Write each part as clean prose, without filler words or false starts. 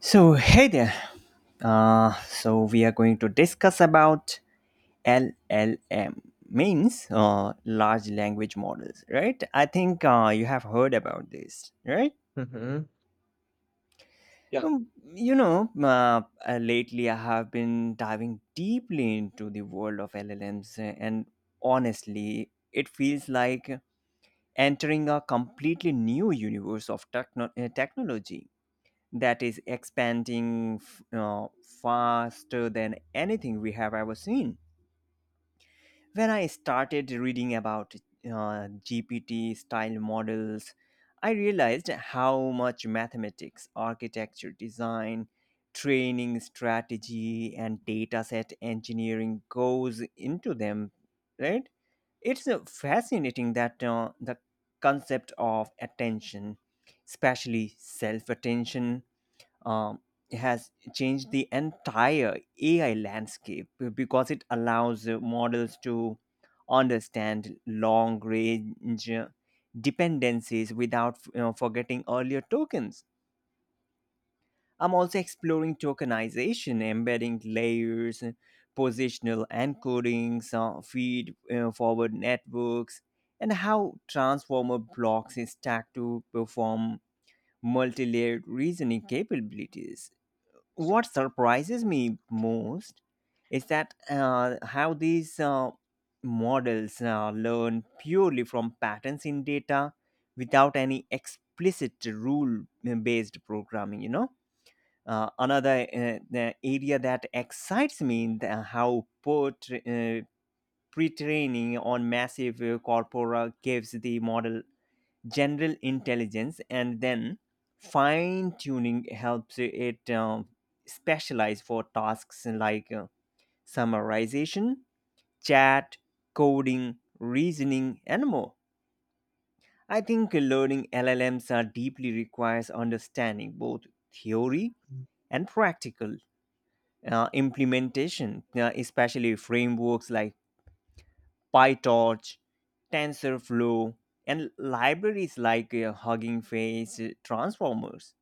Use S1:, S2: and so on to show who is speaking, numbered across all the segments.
S1: So hey there. So we are going to discuss about LLM means large language models, right? I think you have heard about this, right?
S2: Mhm. Yeah.
S1: Um, lately I have been diving deeply into the world of LLMs, and honestly, it feels like entering a completely new universe of technology that is expanding faster than anything we have ever seen. When I started reading about GPT style models, I realized how much mathematics, architecture, design, training strategy, and dataset engineering goes into them, right? It's fascinating that the concept of attention, especially self attention, um, has changed the entire AI landscape because it allows models to understand long range dependencies without forgetting earlier tokens. I'm also exploring tokenization, embedding layers, positional encodings, feed forward networks, and how transformer blocks is stacked to perform multi-layered reasoning capabilities. What surprises me most is that how these models learn purely from patterns in data without any explicit rule based programming. Another the area that excites me in the, how port, pre-training on massive corpora gives the model general intelligence, and then fine tuning helps it specialize for tasks like summarization, chat, coding, reasoning, and more. I think learning LLMs are deeply requires understanding both theory and practical implementation, especially frameworks like PyTorch, TensorFlow, and libraries like Hugging Face, Transformers.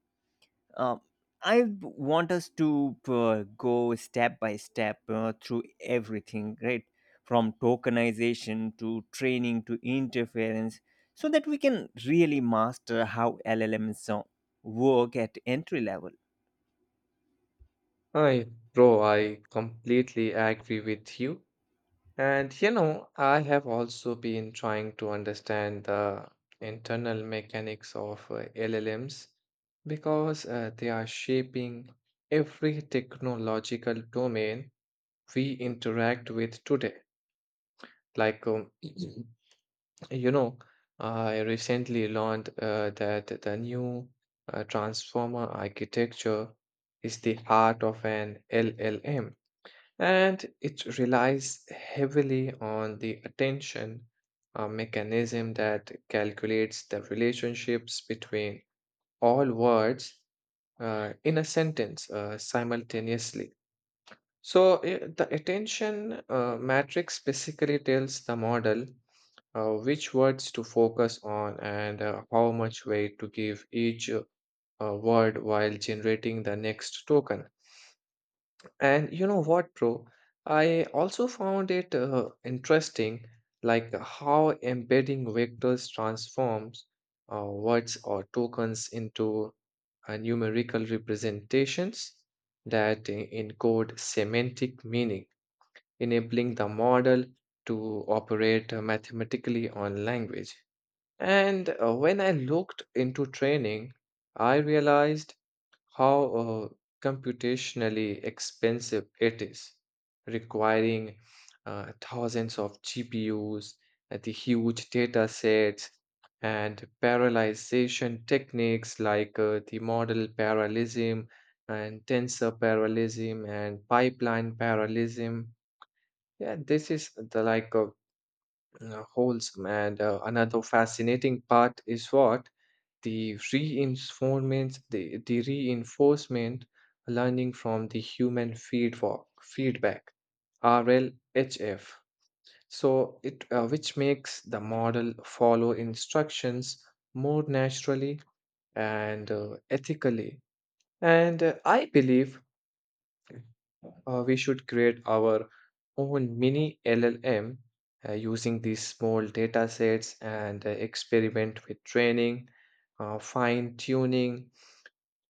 S1: Um, want us to go step by step through everything, right? From tokenization to training to interference, so that we can really master how LLMs work at entry level.
S2: I, bro, I completely agree with you. And you know, I have also been trying to understand the internal mechanics of LLMs because they are shaping every technological domain we interact with today. Like, um, You know, I recently learned that the new transformer architecture is the heart of an LLM, and it relies heavily on the attention mechanism that calculates the relationships between all words in a sentence simultaneously. So the attention matrix basically tells the model which words to focus on and how much weight to give each word while generating the next token. And you know what, bro? I also found it interesting, like how embedding vectors transforms words or tokens into numerical representations that encode semantic meaning, enabling the model to operate mathematically on language. And when I looked into training, I realized how computationally expensive it is, requiring thousands of GPUs, the huge data sets, and parallelization techniques like the model parallelism and tensor parallelism and pipeline parallelism. Yeah, this is the like a wholesome. And another fascinating part is what the reinforcement learning from the human feedback, RLHF. So it which makes the model follow instructions more naturally and ethically. And I believe we should create our own mini LLM using these small data sets and experiment with training, fine tuning,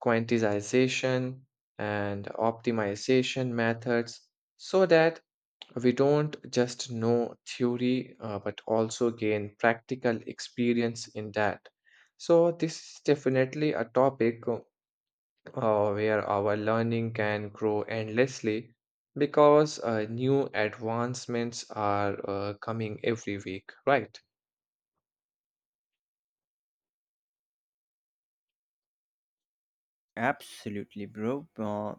S2: quantization, and optimization methods, so that we don't just know theory but also gain practical experience in that. So, this is definitely a topic where our learning can grow endlessly because new advancements are coming every week, right?
S1: Absolutely, bro. Uh,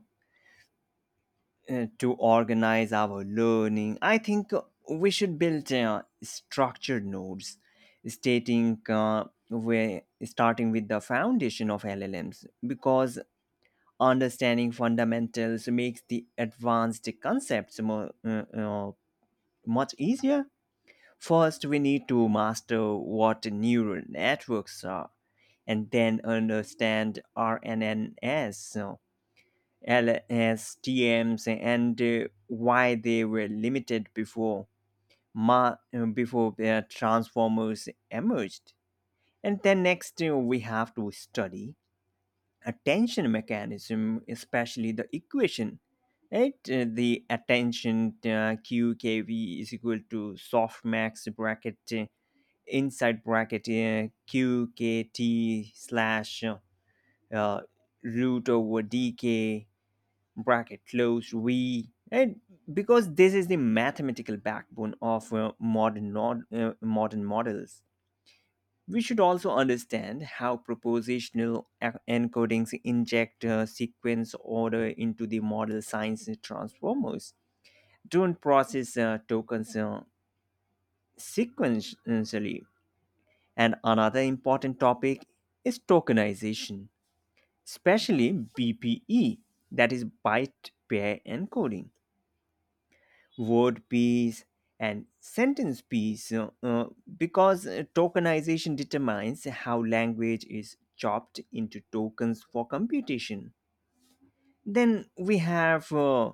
S1: uh, to organize our learning, I think we should build structured nodes, stating where starting with the foundation of LLMs, because understanding fundamentals makes the advanced concepts much easier. First, we need to master what neural networks are, and then understand RNNs, so LSTMs, and why they were limited before their transformers emerged. And then next, we have to study attention mechanism, especially the equation, right? The attention QKV is equal to softmax bracket inside bracket QKT slash uh, root over DK bracket close V, right? Because this is the mathematical backbone of modern models, we should also understand how propositional encodings inject sequence order into the model science transformers. Don't process tokens sequentially. And another important topic is tokenization, especially BPE, that is byte pair encoding. Word piece and sentence piece because tokenization determines how language is chopped into tokens for computation. Then we have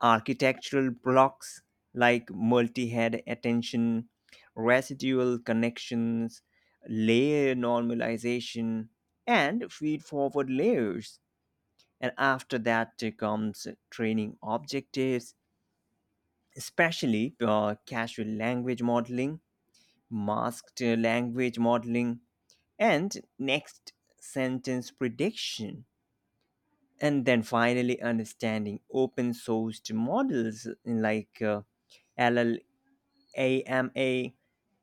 S1: architectural blocks like multi head attention, residual connections, layer normalization, and feed forward layers. And after that comes training objectives, especially casual language modeling, masked language modeling, and next sentence prediction. And then finally, understanding open sourced models like LLAMA,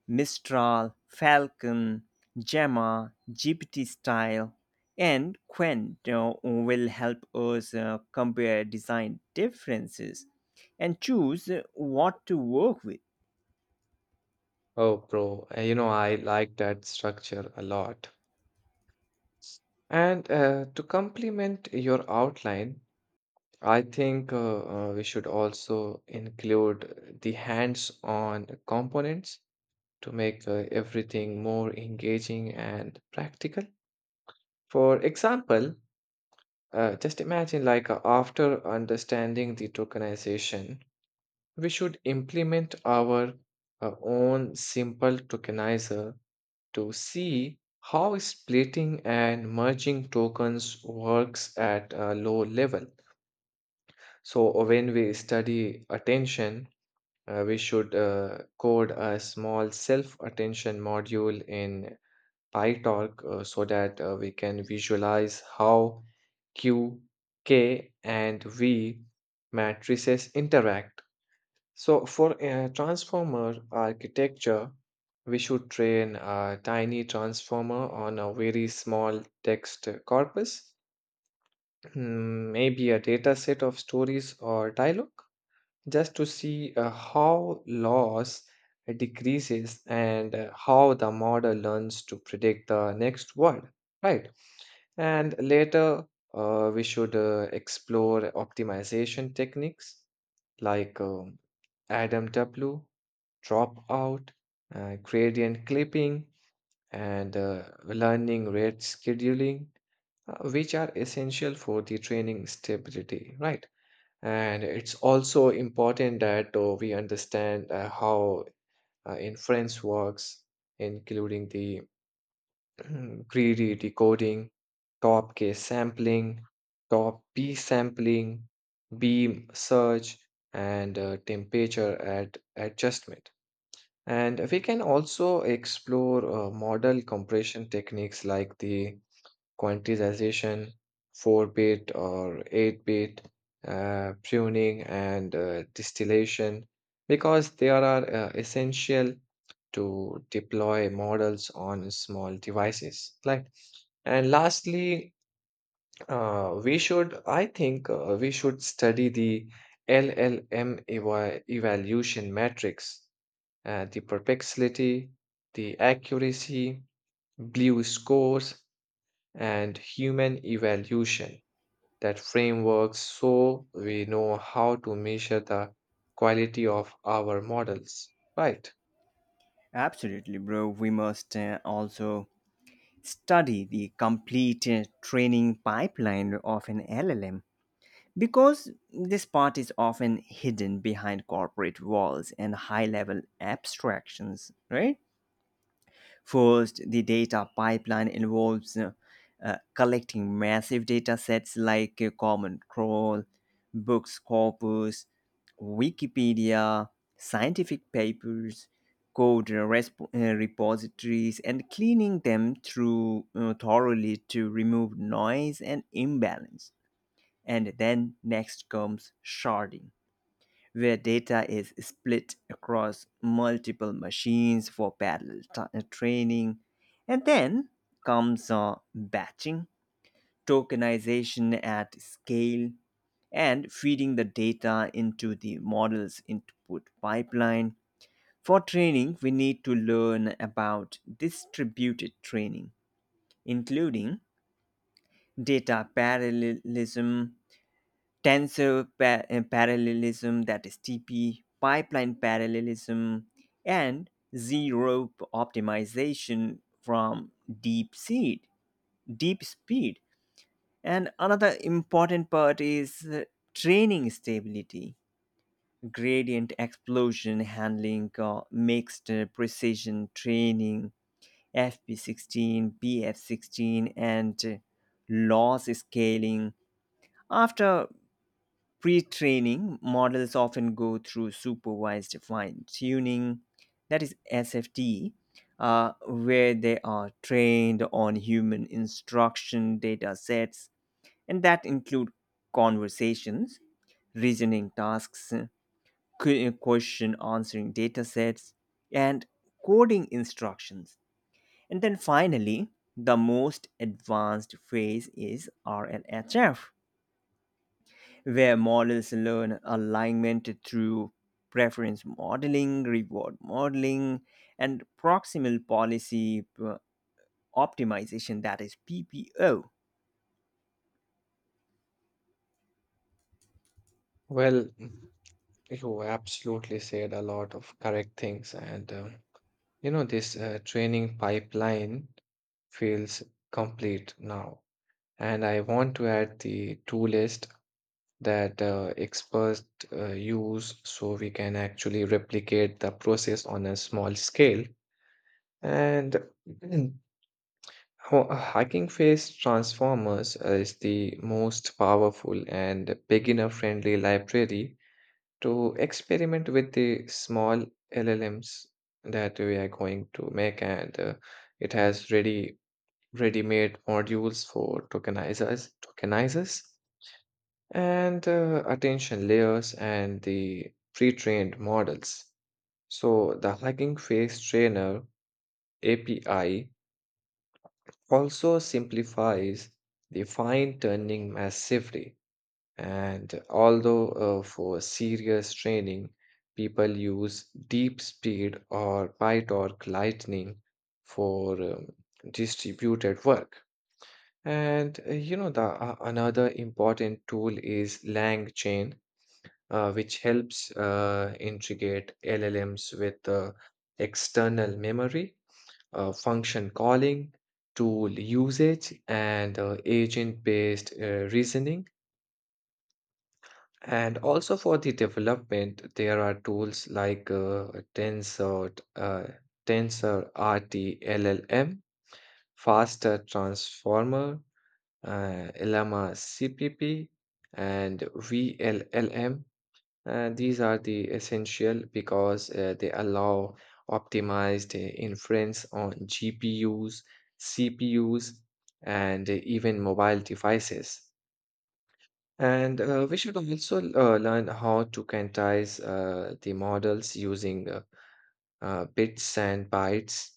S1: Mistral, Falcon, Gemma, GPT style, and Quent will help us compare design differences and choose what to work with.
S2: Oh, bro, you know, I like that structure a lot. And to complement your outline, I think we should also include the hands-on components to make everything more engaging and practical. For example, just imagine, like, after understanding the tokenization, we should implement our own simple tokenizer to see how splitting and merging tokens works at a low level. So, when we study attention, we should code a small self attention module in PyTorch so that we can visualize how Q, K, and V matrices interact. So for a transformer architecture, we should train a tiny transformer on a very small text corpus, maybe a data set of stories or dialogue just to see how loss decreases and how the model learns to predict the next word, right? And later, we should explore optimization techniques like Adam W, dropout, gradient clipping, and learning rate scheduling, which are essential for the training stability, right? And it's also important that we understand how inference works, including the greedy decoding, top K sampling, top P sampling, beam search, and temperature at adjustment. And we can also explore model compression techniques like the quantization, 4-bit or 8-bit, pruning, and distillation because they are essential to deploy models on small devices. Like, and lastly, we should study the LLM evaluation matrix, the perplexity, the accuracy, blue scores, and human evaluation that frameworks, so we know how to measure the quality of our models. Right.
S1: Absolutely, bro. We must also study the complete training pipeline of an LLM because this part is often hidden behind corporate walls and high level abstractions, right? First, the data pipeline involves collecting massive data sets like Common Crawl, Books Corpus, Wikipedia, scientific papers, code repositories, and cleaning them through thoroughly to remove noise and imbalance. And then next comes sharding, where data is split across multiple machines for parallel training. And then comes batching, tokenization at scale, and feeding the data into the model's input pipeline. For training, we need to learn about distributed training, including data parallelism, tensor parallelism, that is TP, pipeline parallelism, and zero optimization from deep seed, deep speed. And another important part is training stability, gradient explosion handling, mixed precision training, FP16, BF16, and loss scaling. After pre training, models often go through supervised fine tuning, that is SFT, where they are trained on human instruction data sets, and that include conversations, reasoning tasks, question answering data sets, and coding instructions. And then finally, the most advanced phase is RLHF, where models learn alignment through preference modeling, reward modeling, and proximal policy optimization, that is PPO.
S2: Well, you absolutely said a lot of correct things. And, you know, this training pipeline feels complete now. And I want to add the tool list that experts use so we can actually replicate the process on a small scale. And a Hacking phase transformers is the most powerful and beginner friendly library to experiment with the small LLMs that we are going to make, and it has ready-made modules for tokenizers and attention layers and the pre-trained models. So the Hacking Face Trainer API also simplifies the fine tuning massively. And although for serious training, people use deep speed or pie torque lightning for distributed work. And you know, the another important tool is LangChain, which helps integrate LLMs with external memory, function calling, tool usage, and agent based reasoning. And also for the development, there are tools like Tensor, uh, Tensor RT LLM, Faster Transformer, Llama CPP, and VLLM. These are the essential because they allow optimized inference on GPUs, CPUs, and even mobile devices. And we should also learn how to quantize the models using bits and bytes,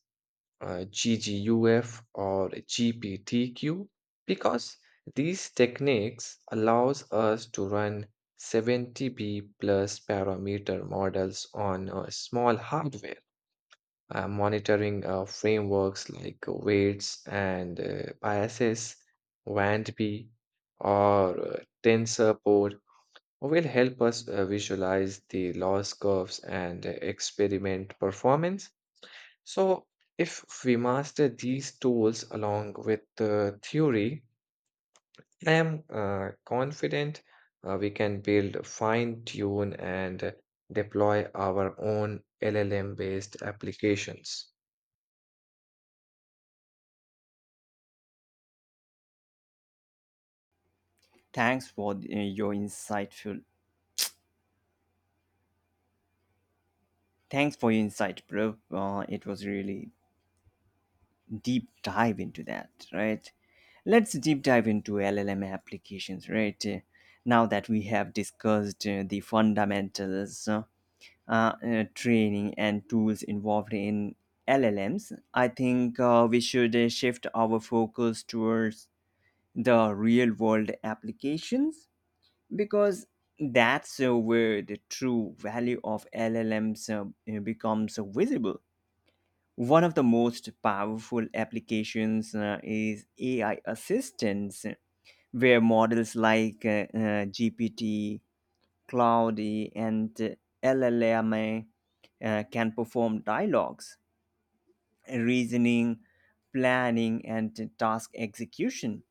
S2: GGUF or GPTQ, because these techniques allows us to run 70B plus parameter models on small hardware. Monitoring frameworks like weights and biases, WANDB, or TensorPort will help us visualize the loss curves and experiment performance. So, if we master these tools along with the theory, I am confident we can build, fine tune, and deploy our own LLM based applications.
S1: Thanks for uh, your insightful Thanks for your insight, bro. It was really deep dive into that, right? Let's deep dive into LLM applications, right? Now that we have discussed the fundamentals, training and tools involved in LLMs, I think we should shift our focus towards the real world applications, because that's where the true value of LLMs becomes visible. One of the most powerful applications is AI assistance, where models like GPT Cloudy, and LLMA can perform dialogues, reasoning, planning, and task execution.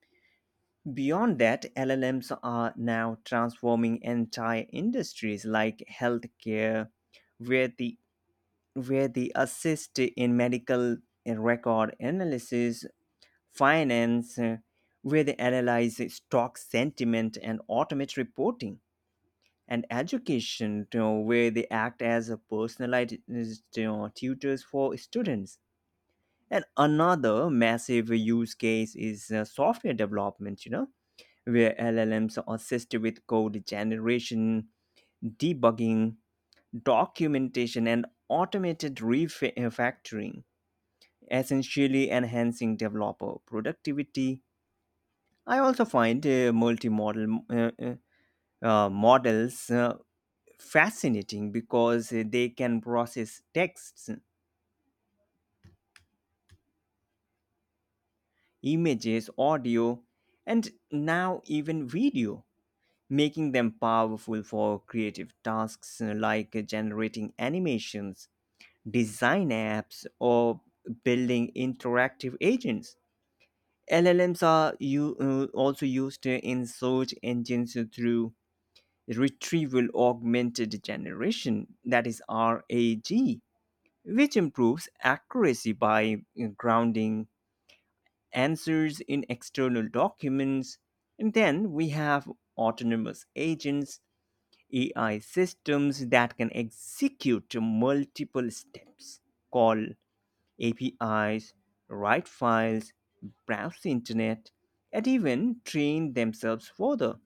S1: Beyond that, LLMs are now transforming entire industries like healthcare, where they assist in medical record analysis, finance, where they analyze stock sentiment and automate reporting, and education, where they act as a personalized, tutors for students. And another massive use case is software development, where LLMs are assisted with code generation, debugging, documentation, and automated refactoring, essentially enhancing developer productivity. I also find multimodal models fascinating because they can process texts, images, audio, and now even video, making them powerful for creative tasks like generating animations, design apps, or building interactive agents. LLMs are also used in search engines through retrieval augmented generation, that is RAG, which improves accuracy by grounding answers in external documents. And then we have autonomous agents, AI systems that can execute multiple steps, call APIs, write files, browse the internet, and even train themselves further.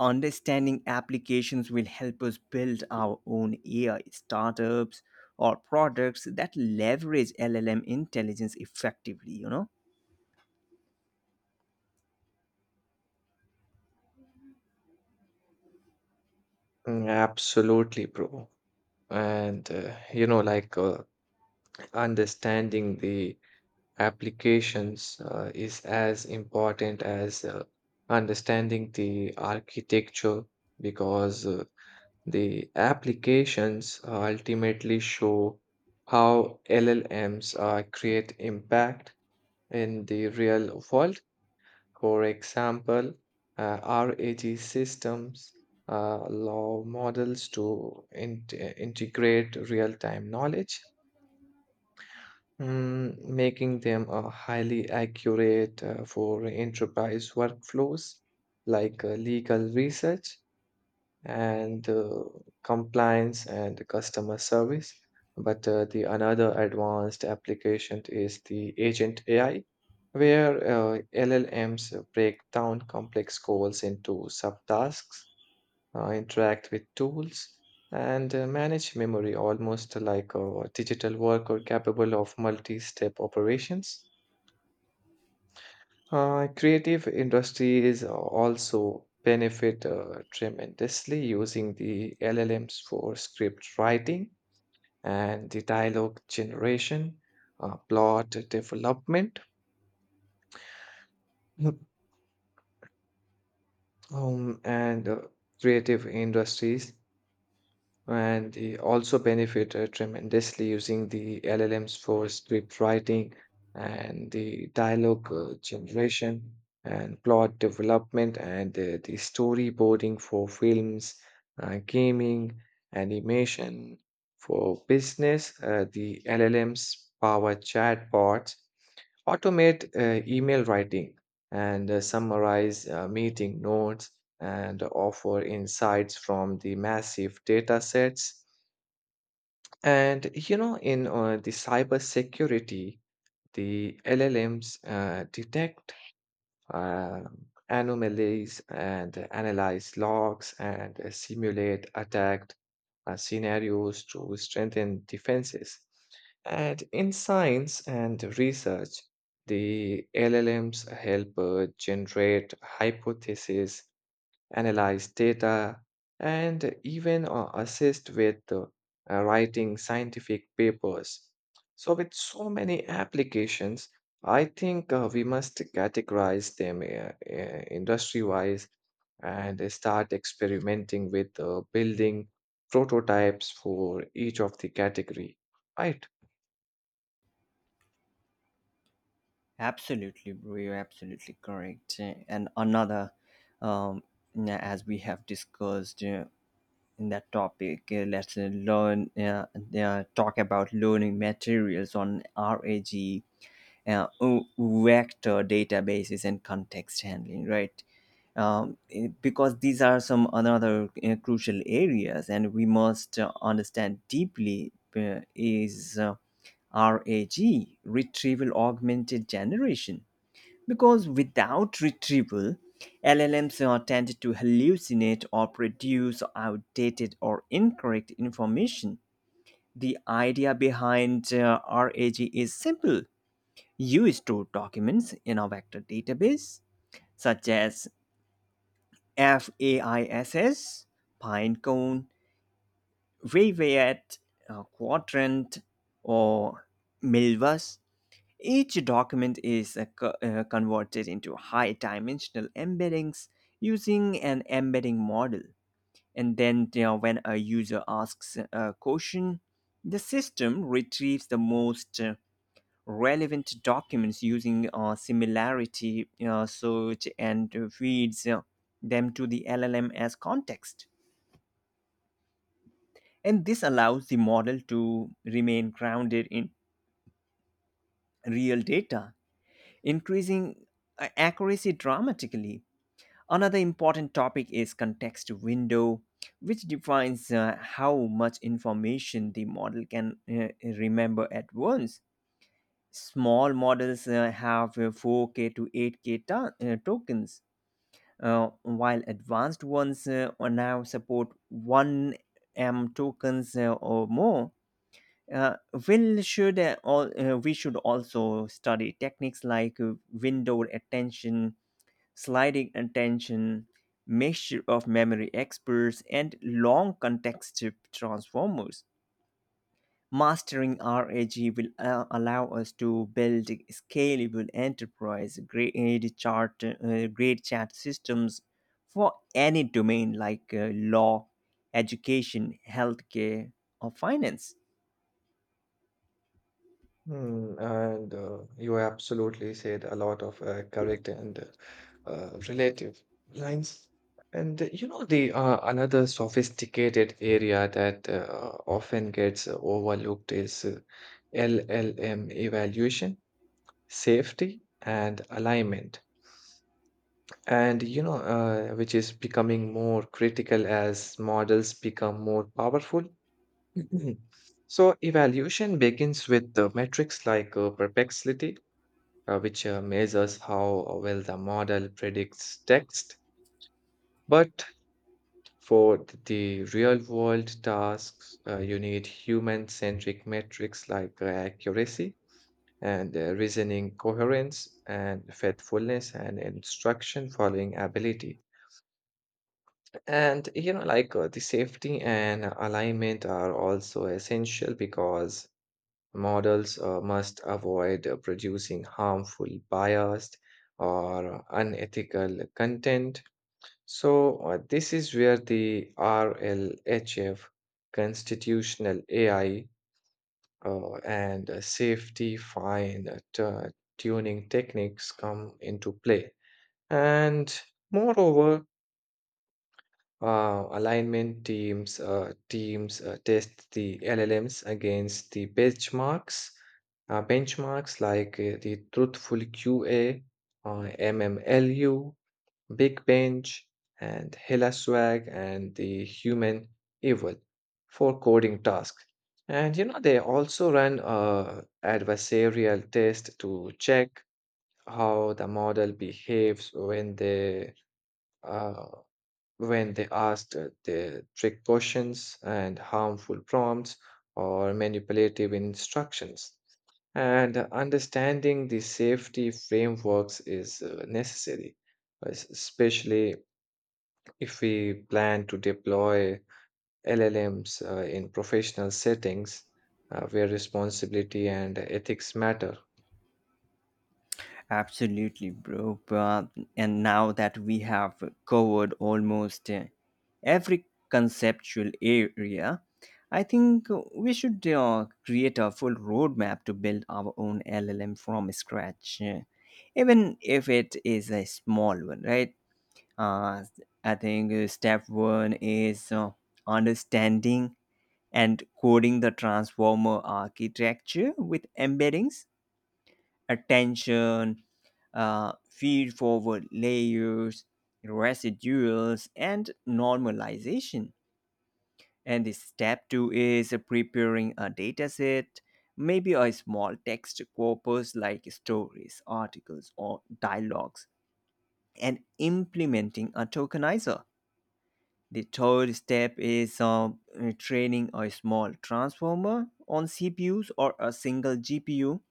S1: Understanding applications will help us build our own AI startups or products that leverage LLM intelligence effectively, you know?
S2: Mm, absolutely, bro. And you know, like understanding the applications is as important as understanding the architecture because the applications ultimately show how LLMs create impact in the real world. For example, uh, RAG systems allow models to integrate real time knowledge, making them highly accurate for enterprise workflows like legal research, and compliance and customer service. But the another advanced application is the agent AI, where LLMs break down complex goals into subtasks, interact with tools, and manage memory almost like a digital worker capable of multi-step operations. Creative industries also benefit tremendously using the LLMs for script writing and the dialogue generation, plot development, Mhm. And creative industries And they also benefited tremendously using the LLMs for script writing and the dialogue generation and plot development and the storyboarding for films, gaming, animation. For business, the LLMs power chatbots, automate email writing and summarize meeting notes and offer insights from the massive data sets. And you know, in the cybersecurity, the LLMs detect anomalies and analyze logs and simulate attack scenarios to strengthen defenses. And in science and research, the LLMs help generate hypotheses, analyze data, and even assist with writing scientific papers. So, with so many applications, I think we must categorize them industry wise and start experimenting with building prototypes for each of the category, right?
S1: Absolutely, bro. You're absolutely correct. And another, um, yeah, as we have discussed in that topic, let's talk about learning materials on RAG, uh, w- vector databases, and context handling, right. Because these are some another crucial areas, and we must understand deeply is RAG retrieval augmented generation, because without retrieval LLMs are tend to hallucinate or produce outdated or incorrect information. The idea behind RAG is simple. You store documents in a vector database such as FAISS, Pinecone, Rivet, Quadrant, or Milvus. Each document is converted into high dimensional embeddings using an embedding model. And then, when a user asks a question, the system retrieves the most relevant documents using similarity search and feeds them to the LLM as context. And this allows the model to remain grounded in real data, increasing accuracy dramatically. Another important topic is context window, which defines how much information the model can remember at once. Small models have 4K to 8K tokens, while advanced ones are now support 1M tokens or more. uh, we should also study techniques like window attention, sliding attention, mixture of memory experts, and long context transformers. Mastering RAG will allow us to build scalable enterprise grade chat systems for any domain like law, education, healthcare, or finance.
S2: Hmm, and you absolutely said a lot of correct and relative lines. And you know the another sophisticated area that often gets overlooked is LLM evaluation, safety, and alignment. And you know which is becoming more critical as models become more powerful. So evaluation begins with the metrics like perplexity, which measures how well the model predicts text. But for the real world tasks, you need human centric metrics like accuracy and reasoning coherence and faithfulness and instruction following ability. And you know, like the safety and alignment are also essential, because models must avoid producing harmful, biased, or unethical content. So, this is where the RLHF, constitutional AI, and safety fine tuning techniques come into play. And moreover, alignment teams test the LLMs against the benchmarks like the Truthful QA, MMLU, Big Bench, and HellaSwag, and the Human Evil for coding tasks. And you know they also run adversarial test to check how the model behaves uh, when they asked the trick questions and harmful prompts or manipulative instructions. And understanding the safety frameworks is necessary, especially if we plan to deploy LLMs in professional settings where responsibility and ethics matter.
S1: Absolutely, bro. But, and now that we have covered almost every conceptual area, I think we should create a full roadmap to build our own LLM from scratch, even if it is a small one, right? Uh, I think step one is understanding and coding the transformer architecture with embeddings, attention, feed forward layers, residuals, and normalization. And the step two is preparing a dataset, maybe a small text corpus like stories, articles, or dialogues, and implementing a tokenizer. The third step is training a small transformer on CPUs or a single GPU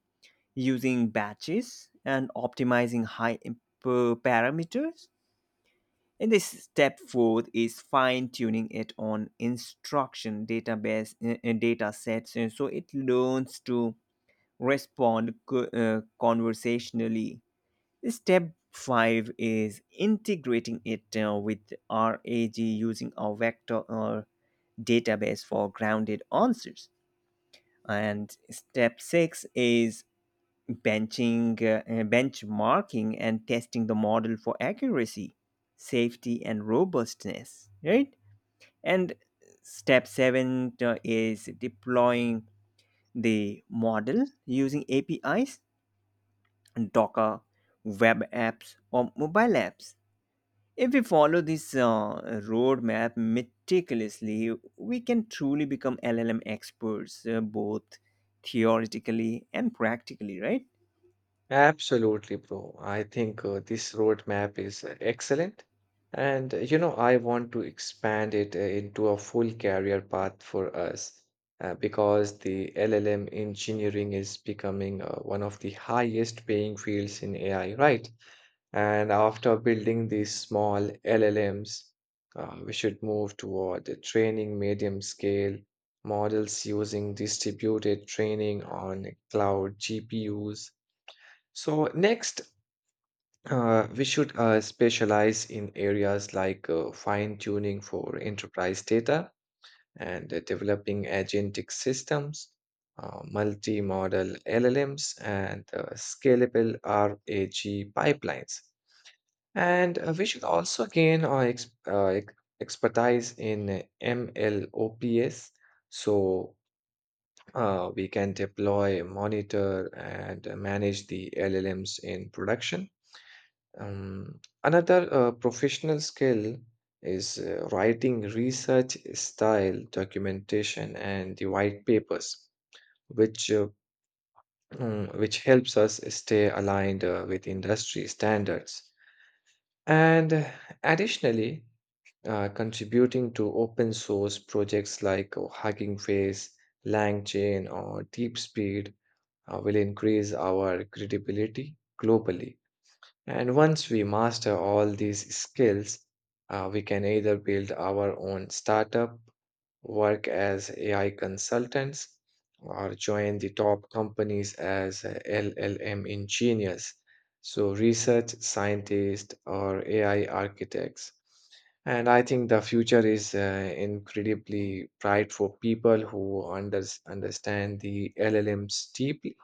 S1: using batches and optimizing parameters. And this step fourth is fine tuning it on instruction data sets. And so it learns to respond conversationally. Step five is integrating it with RAG using a vector or database for grounded answers. And step six is benchmarking and testing the model for accuracy, safety, and robustness, right? And step seven is deploying the model using APIs, Docker, web apps, or mobile apps. If we follow this roadmap meticulously, we can truly become LLM experts, both theoretically and practically, right?
S2: Absolutely, bro. I think this roadmap is excellent. And you know, I want to expand it into a full career path for us because the LLM engineering is becoming one of the highest paying fields in AI, right? And after building these small LLMs, we should move toward training medium scale models using distributed training on cloud GPUs. So next, we should specialize in areas like fine tuning for enterprise data and developing agentic systems, multi-model LLMs, and scalable RAG pipelines. And we should also gain our expertise in MLOps, so we can deploy, monitor, and manage the LLMs in production. Another professional skill is writing research style documentation and the white papers, which uh, which helps us stay aligned with industry standards. And additionally, contributing to open source projects like Hugging Face, LangChain, or DeepSpeed will increase our credibility globally. And once we master all these skills, we can either build our own startup, work as AI consultants, or join the top companies as LLM engineers, so research scientists or AI architects. And I think the future is incredibly bright for people who understand the LLMs deeply,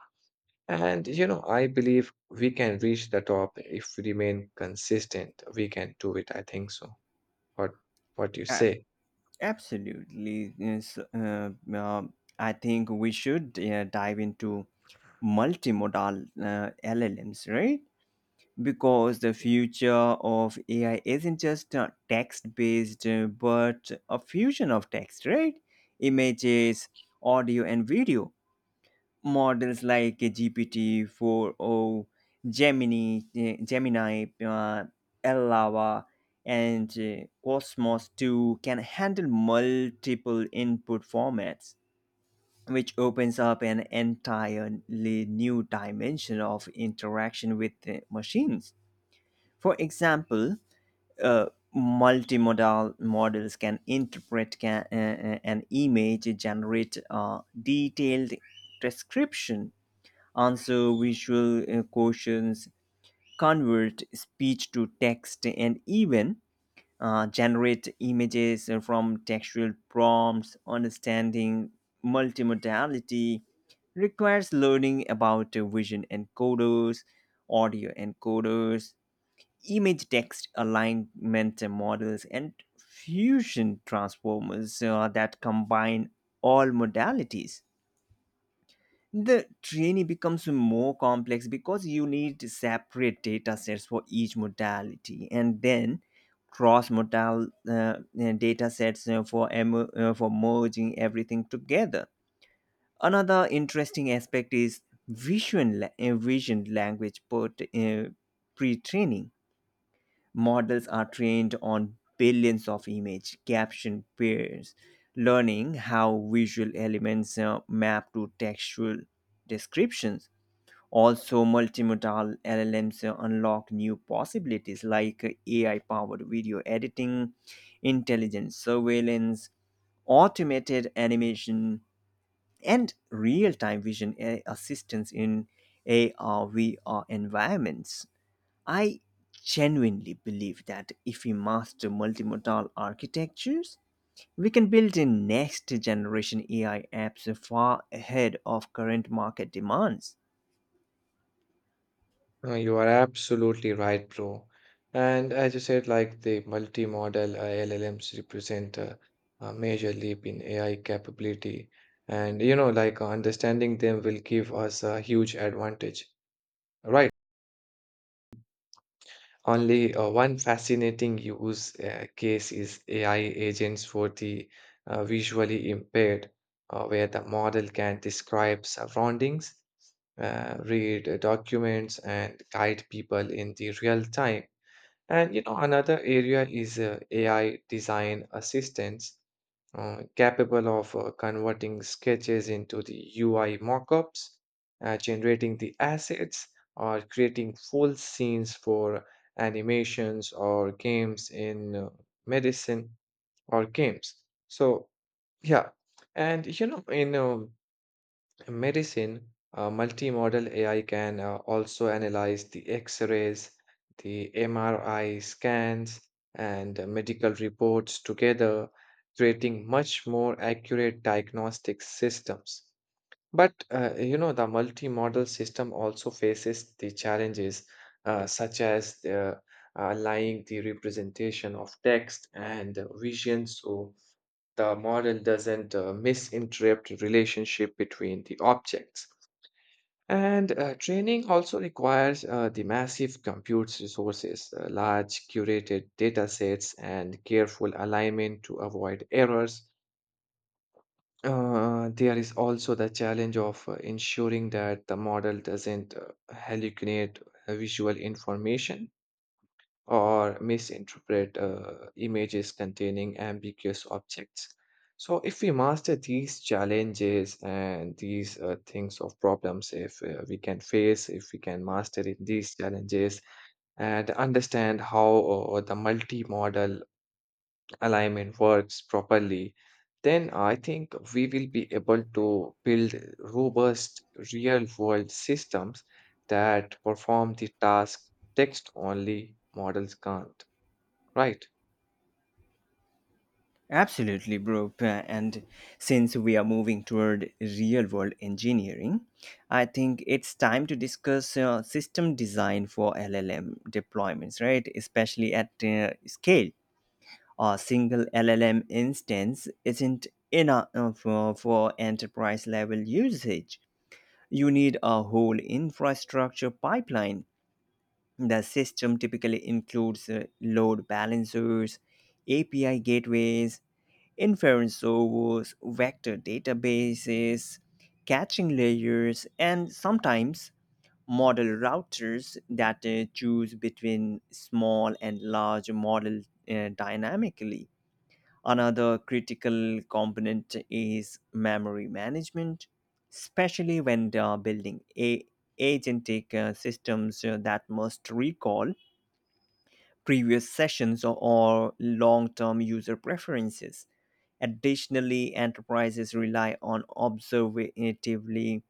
S2: and you know, I believe we can reach the top if we remain consistent. We can do it. I think so. What what you
S1: A-
S2: say?
S1: Absolutely. Yes, I think we should dive into multimodal LLMs, right? Because the future of AI isn't just text based, but a fusion of text, right? Images, audio, and video. Models like GPT-40, Gemini, Lava, and Cosmos 2 can handle multiple input formats, which opens up an entirely new dimension of interaction with machines. For example, uh, multimodal models can interpret an image, generate a detailed description, answer visual questions, convert speech to text, and even generate images from textual prompts. Understanding multimodality requires learning about vision encoders, audio encoders, image text alignment models, and fusion transformers that combine all modalities. The training becomes more complex because you need separate data sets for each modality, and then cross modal data sets for merging everything together. Another interesting aspect is vision language pre training. Models are trained on billions of image caption pairs, learning how visual elements map to textual descriptions. Also, multimodal LLMs unlock new possibilities like AI powered video editing, intelligent surveillance, automated animation, and real time vision assistance in AR VR environments. I genuinely believe that if we master multimodal architectures, we can build in next generation AI apps far ahead of current market demands.
S2: You are absolutely right, bro. And as you said, like the multi-model LLMs represent a major leap in AI capability. And you know, like understanding them will give us a huge advantage, right? Only one fascinating use case is AI agents for the visually impaired, where the model can describe surroundings, read documents, and guide people in the real time. And you know, another area is AI design assistance, capable of converting sketches into the UI mockups, generating the assets, or creating full scenes for animations or games in medicine or games. So, yeah. And you know, in medicine, multimodal AI can also analyze the x rays, the MRI scans, and medical reports together, creating much more accurate diagnostic systems. But you know, the multimodal system also faces the challenges such as the, lying the representation of text and vision, so the model doesn't misinterpret relationship between the objects, and training also requires the massive compute resources, large curated data sets, and careful alignment to avoid errors. There is also the challenge of ensuring that the model doesn't hallucinate visual information or misinterpret images containing ambiguous objects. So, if we master these challenges and these things of problems, if we can face, if we can master it, these challenges and understand how the multimodal alignment works properly, then I think we will be able to build robust real world systems that perform the task text only models can't. Right.
S1: Absolutely, bro. And since we are moving toward real world engineering, I think it's time to discuss system design for LLM deployments, right? Especially at scale. A single LLM instance isn't enough for enterprise level usage. You need a whole infrastructure pipeline. The system typically includes load balancers, API gateways, inference servers, vector databases, caching layers, and sometimes model routers that choose between small and large model dynamically. Another critical component is memory management, especially when they are building agentic systems that must recall previous sessions or long term user preferences. Additionally, enterprises rely on observatively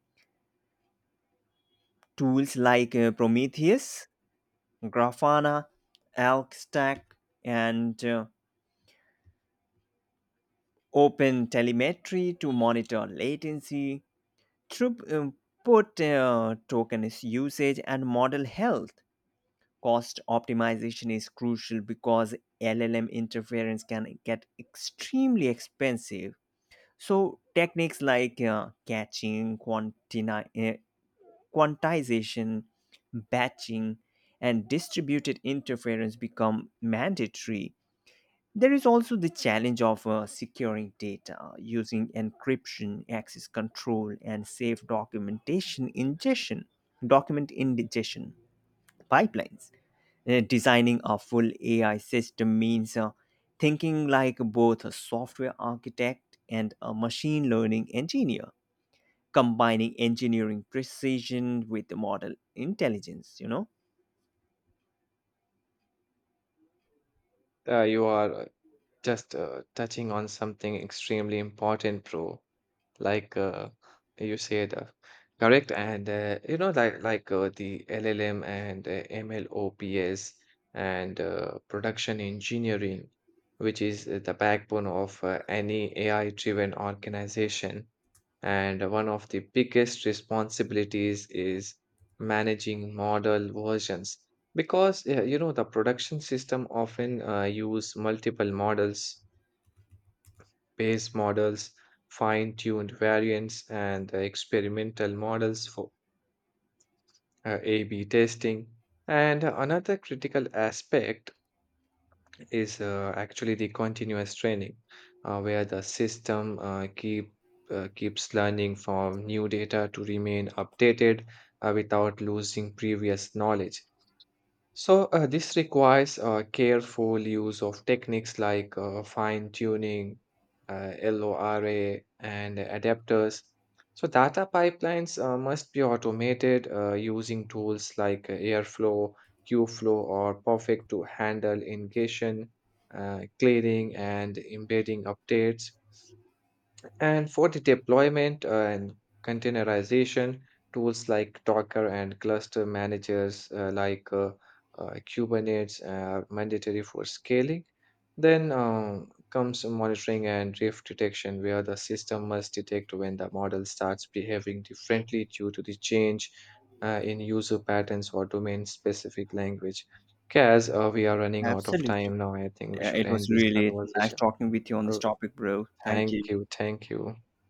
S1: tools like Prometheus, Grafana, ElkStack, and Open Telemetry to monitor latency, throughput, tokens usage, and model health. Cost optimization is crucial because LLM interference can get extremely expensive. So techniques like catching, quantization, batching, and distributed interference become mandatory. There is also the challenge of securing data using encryption, access control, and safe document ingestion pipelines. Designing a full AI system means thinking like both a software architect and a machine learning engineer, combining engineering precision with the model intelligence.
S2: You are just touching on something extremely important, bro. Like uh, you said, correct. And you know, like the LLM and MLOps and production engineering, which is the backbone of any AI-driven organization. And one of the biggest responsibilities is managing model versions because you know the production system often use multiple models, base models, fine-tuned variants, and experimental models for A/B testing. And another critical aspect is actually the continuous training, where the system keeps learning from new data to remain updated without losing previous knowledge. So, this requires careful use of techniques like fine tuning, LORA, and adapters. So, data pipelines must be automated using tools like Airflow, Qflow, or Perfect to handle ingestion, clearing, and embedding updates. And for the deployment and containerization, tools like Docker and cluster managers like Kubernetes are mandatory for scaling. Then comes monitoring and drift detection, where the system must detect when the model starts behaving differently due to the change in user patterns or domain-specific language. Kaz, we are running out of
S1: Absolutely.
S2: time now. I think we
S1: Yeah,
S2: should
S1: it was
S2: end this
S1: really nice
S2: conversation.
S1: talking with you on this
S2: Oh,
S1: topic, bro. Thank
S2: thank
S1: you.
S2: you, thank you.